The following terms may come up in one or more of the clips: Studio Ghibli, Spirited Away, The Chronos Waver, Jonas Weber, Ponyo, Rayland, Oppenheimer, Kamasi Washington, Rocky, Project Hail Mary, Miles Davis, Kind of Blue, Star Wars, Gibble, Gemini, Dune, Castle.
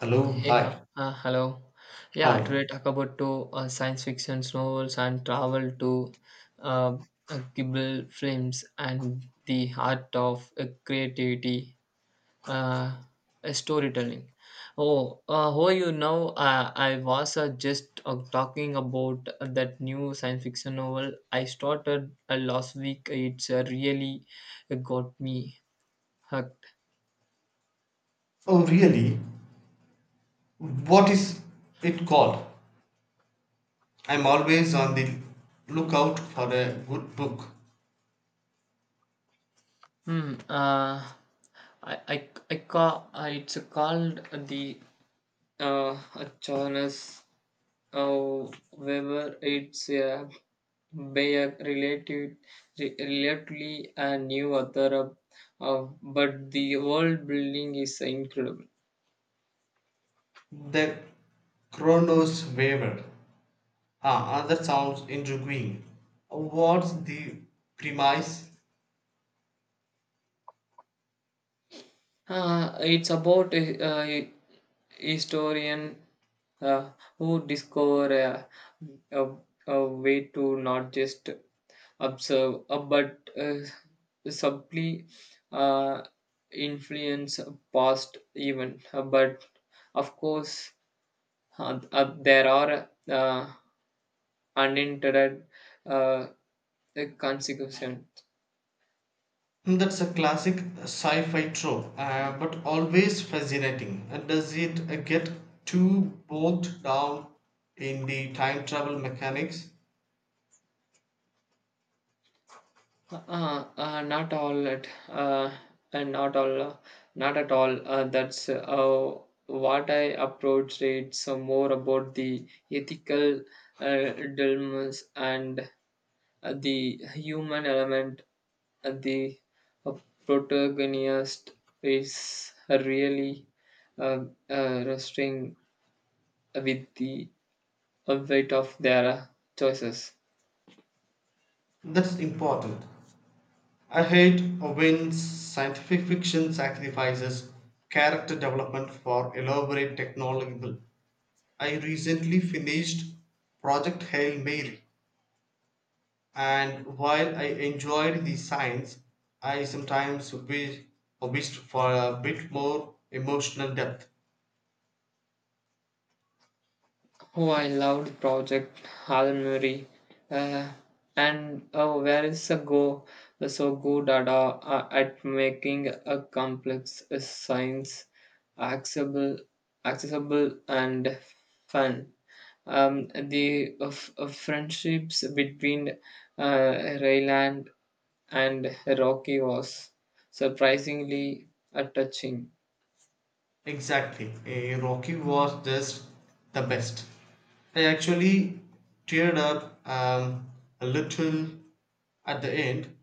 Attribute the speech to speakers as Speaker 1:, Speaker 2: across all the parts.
Speaker 1: Hello.
Speaker 2: Hey, huh.
Speaker 1: Hi.
Speaker 2: Hello. Yeah,
Speaker 1: Hello.
Speaker 2: today talk about two science fiction novels and travel to uh, Ghibli films and the art of creativity, uh, storytelling. Oh, how you know? I was just talking about that new science fiction novel I started last week. It's really got me hooked.
Speaker 1: Oh, really? What is it called? I'm always on the lookout for a good book.
Speaker 2: Hmm. I call, it's called the uh, Jonas Weber. It's by a Bayer relative, relatively a new author, but the world building is incredible.
Speaker 1: The Chronos Waver. Ah, that sounds intriguing. What's the premise?
Speaker 2: It's about a historian uh, who discover a, a way to not just observe but subtly uh, influence past even. But of course there are unintended uh, consequences.
Speaker 1: Hmm, that's a classic sci-fi trope, but always fascinating. And does it get too bogged down in the time travel mechanics?
Speaker 2: Not all at and not all not at all, that's what I approached it so more about the ethical uh, dilemmas and the human element, the uh, protagonist is really uh, wrestling with the weight of their choices.
Speaker 1: That's important. I hate when scientific fiction sacrifices character development for elaborate technological. I recently finished Project Hail Mary, and while I enjoyed the science, I sometimes wished for a bit more emotional depth.
Speaker 2: Oh, I loved Project Hail Mary. Uh, and oh, where is the go? So good at making a complex science accessible, accessible, and fun. The of friendships between uh, Rayland and Rocky was surprisingly touching.
Speaker 1: Exactly, eh, Rocky was just the best. I actually teared up a little at the end.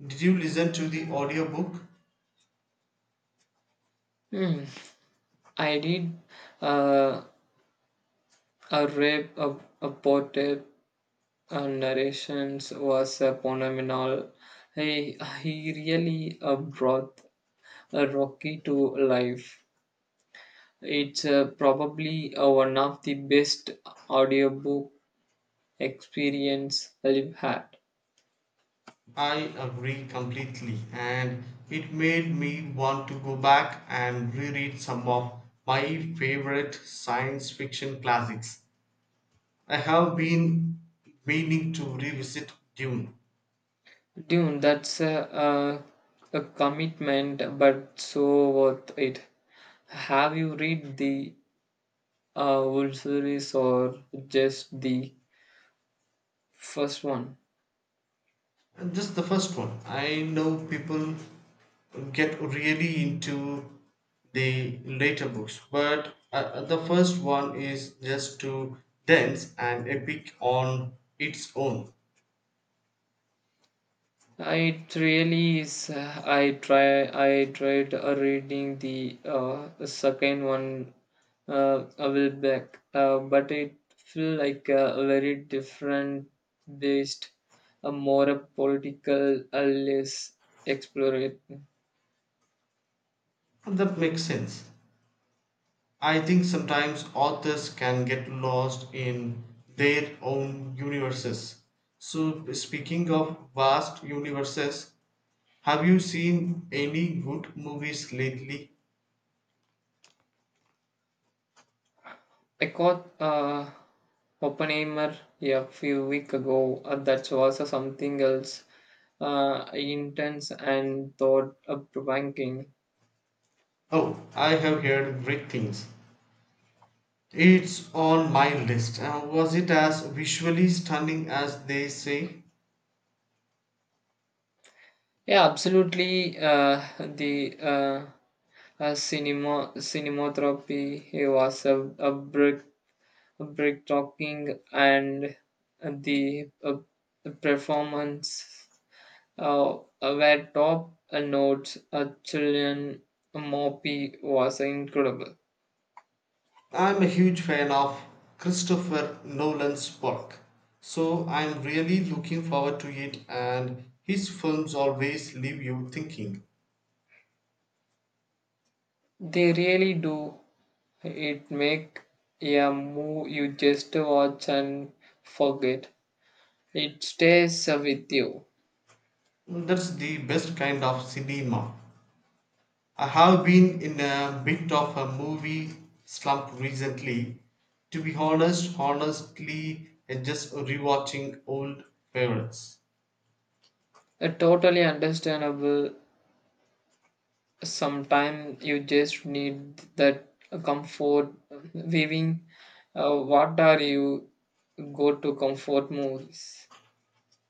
Speaker 1: Did you listen to the audiobook?
Speaker 2: Hmm. I did uh, a rape a portrait narrations was phenomenal. He really brought Rocky to life. It's probably one of the best audiobook experience I've had.
Speaker 1: I agree completely, and it made me want to go back and reread some of my favorite science fiction classics. I have been meaning to revisit Dune,
Speaker 2: Dude, that's a commitment, but so worth it. Have you read the whole series or just the first one?
Speaker 1: and just the first one. I know people get really into the later books, but the first one is just too dense and epic on its own.
Speaker 2: It really is. I try. I tried reading the second one a while back, but it feel like a very different based, a more a political, a less exploratory.
Speaker 1: That makes sense. I think sometimes authors can get lost in their own universes. So, speaking of vast universes, have you seen any good movies lately?
Speaker 2: I caught Oppenheimer, yeah, a few weeks ago. That was something else, intense and thought-provoking.
Speaker 1: Oh, I have heard great things. It's on my list. Was it as visually stunning as they say?
Speaker 2: Yeah, absolutely. The Cinema cinematography it was a break a break talking, and the performance were top notes. A children Moppy was incredible.
Speaker 1: I'm a huge fan of Christopher Nolan's work, so I'm really looking forward to it, and his films always leave you thinking.
Speaker 2: They really do, it make a move you just watch and forget. It stays with you.
Speaker 1: That's the best kind of cinema. I have been in a bit of a movie slump recently. To be honestly, I'm just rewatching old favorites.
Speaker 2: Totally understandable. Sometimes you just need that comfort viewing. What are you go to comfort movies?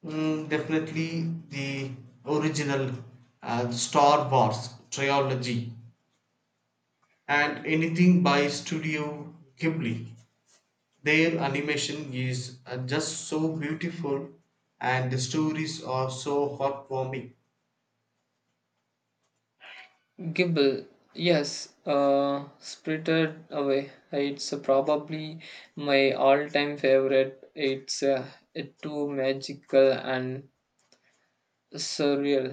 Speaker 1: Mm, definitely the original Star Wars trilogy and anything by Studio Ghibli. Their animation is just so beautiful and the stories are so heartwarming.
Speaker 2: Gibble. Yes, Spirited Away. It's probably my all-time favorite. It's too magical and surreal.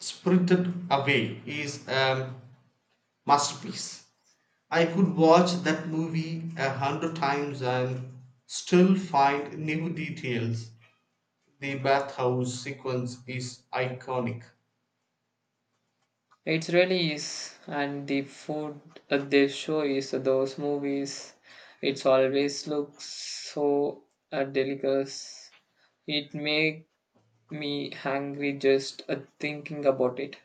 Speaker 1: Spirited Away is a masterpiece. I could watch that movie a hundred times and still find new details. The bathhouse sequence is iconic.
Speaker 2: It really is, and the food that they show is those movies. It's always looks so delicious. It make me hungry just thinking about it.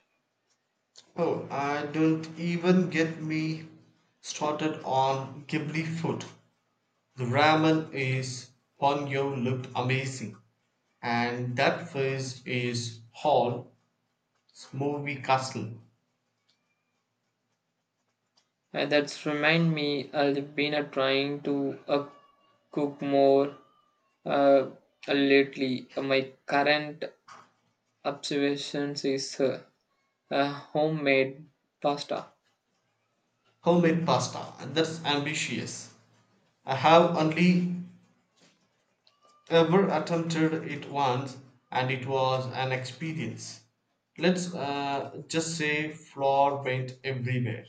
Speaker 1: Oh, I don't even get me started on Ghibli food. The ramen is Ponyo looked amazing, and that first is Hall Smoothie Castle
Speaker 2: And that's remind me I've been trying to cook more uh, lately. My current observations is homemade pasta.
Speaker 1: homemade pasta. And that's ambitious. I have only ever attempted it once, and it was an experience. Let's just say flour went everywhere.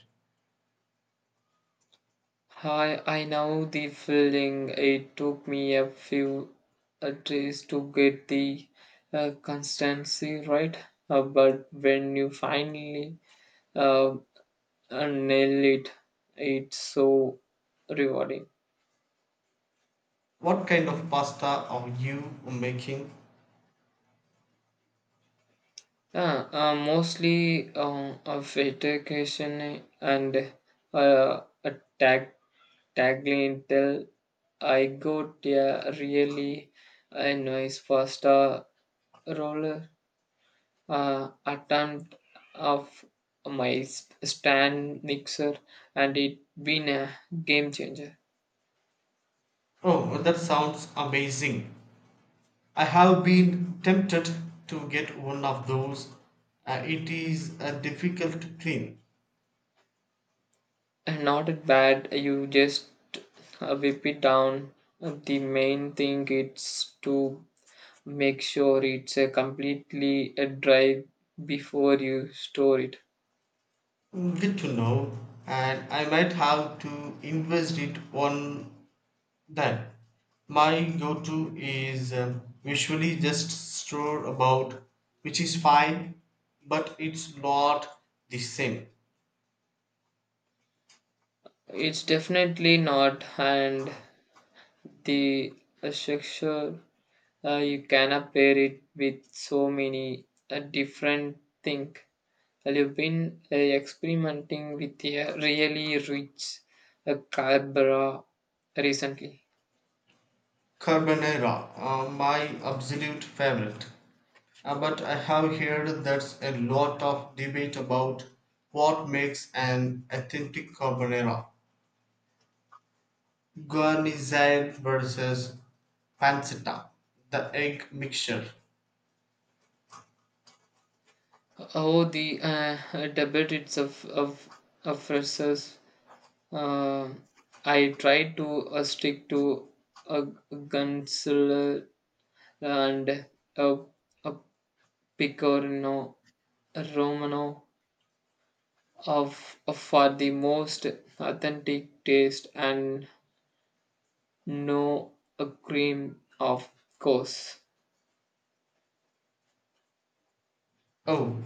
Speaker 2: Hi, I know the feeling. It took me a few days to get the constancy right. But when you finally uh, nail it, it's so rewarding.
Speaker 1: What kind of pasta are you making?
Speaker 2: Mostly a vacation and a tag tagline till I got a really nice pasta roller attempt of my stand mixer and it been a game changer.
Speaker 1: Oh, that sounds amazing. I have been tempted to get one of those. It is a difficult thing.
Speaker 2: And not that bad, you just whip it down. The main thing is to make sure it's completely dry before you store it.
Speaker 1: Good to know, and I might have to invest it on that. My go to is usually just stroll about, which is fine, but it's not the same.
Speaker 2: It's definitely not, and the structure, you can pair it with so many different things. I've been experimenting with a really rich carbara recently.
Speaker 1: Carbonara, my absolute favorite. But I have heard that's a lot of debate about what makes an authentic carbonara. Guarnizione versus pancetta, the egg mixture.
Speaker 2: Oh, the debate itself of versus. Uh, I try to stick to a Gunsler and a, a Picorino Romano of for the most authentic taste and no a cream of course.
Speaker 1: Oh,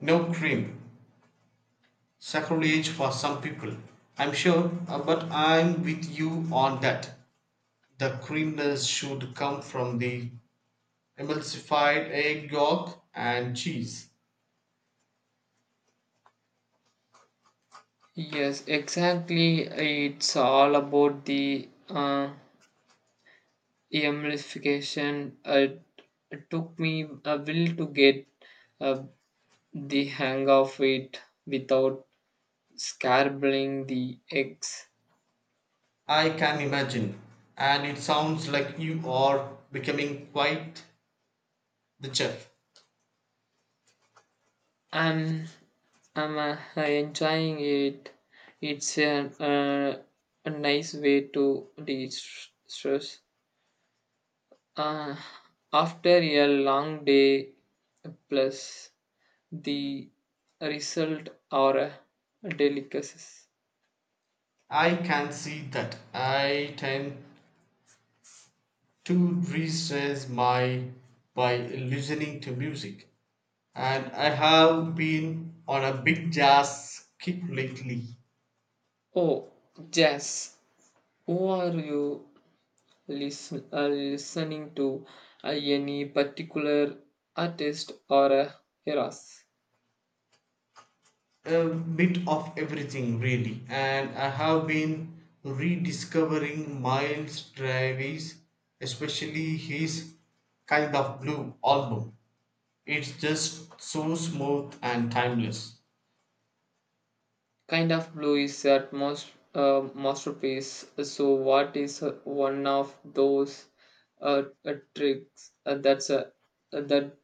Speaker 1: no cream. Sacrilege for some people. I'm sure, but I'm with you on that. The creaminess should come from the emulsified egg yolk and cheese.
Speaker 2: Yes, exactly. It's all about the emulsification. It took me a while to get uh, the hang of it without scrambling the eggs.
Speaker 1: I can imagine. And it sounds like you are becoming quite the chef.
Speaker 2: I'm, I'm enjoying it. It's uh, a nice way to de-stress. Uh, After a long day plus. The result are a delicacies.
Speaker 1: I can see that. I tend to restrain my by listening to music. And I have been on a big jazz kick lately.
Speaker 2: Oh, Jess, who are you listening to? Any particular artist or eras?
Speaker 1: A bit of everything really. And I have been rediscovering Miles Davis, especially his kind of blue album. It's just so smooth and timeless.
Speaker 2: Kind of Blue is that most masterpiece. So, what is one of those tricks that's that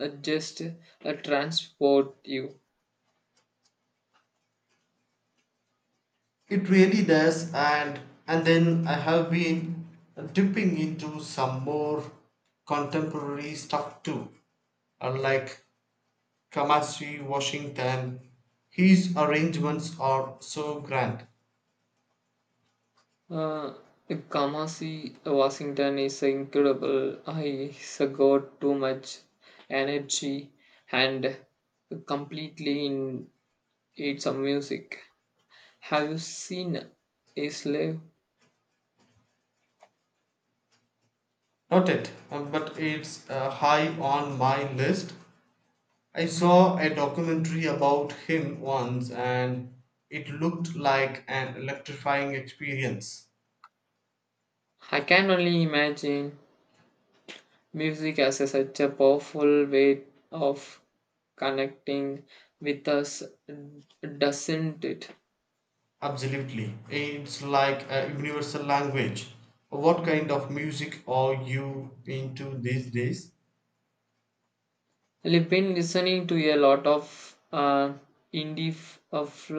Speaker 2: just transport you?
Speaker 1: It really does, and then I have been dipping into some more contemporary stuff too, like Kamasi Washington. His arrangements are so grand.
Speaker 2: Uh, Kamasi, Washington is incredible. I got too much energy and completely in its music. Have you seen his live?
Speaker 1: Not it, but it's high on my list. I saw a documentary about him once, and it looked like an electrifying experience.
Speaker 2: I can only imagine music as such a powerful way of connecting with us, doesn't it?
Speaker 1: Absolutely. It's like a universal language. What kind of music are you into these days?
Speaker 2: I've been listening to a lot of uh, indie f- of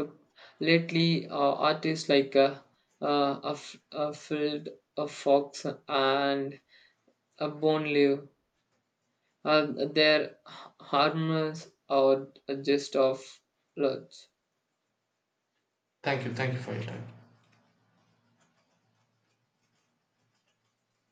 Speaker 2: lately, artists like of a Field of Fox and a Bone Live. Uh, their harmonies are just of lot.
Speaker 1: Thank you. Thank you for your time.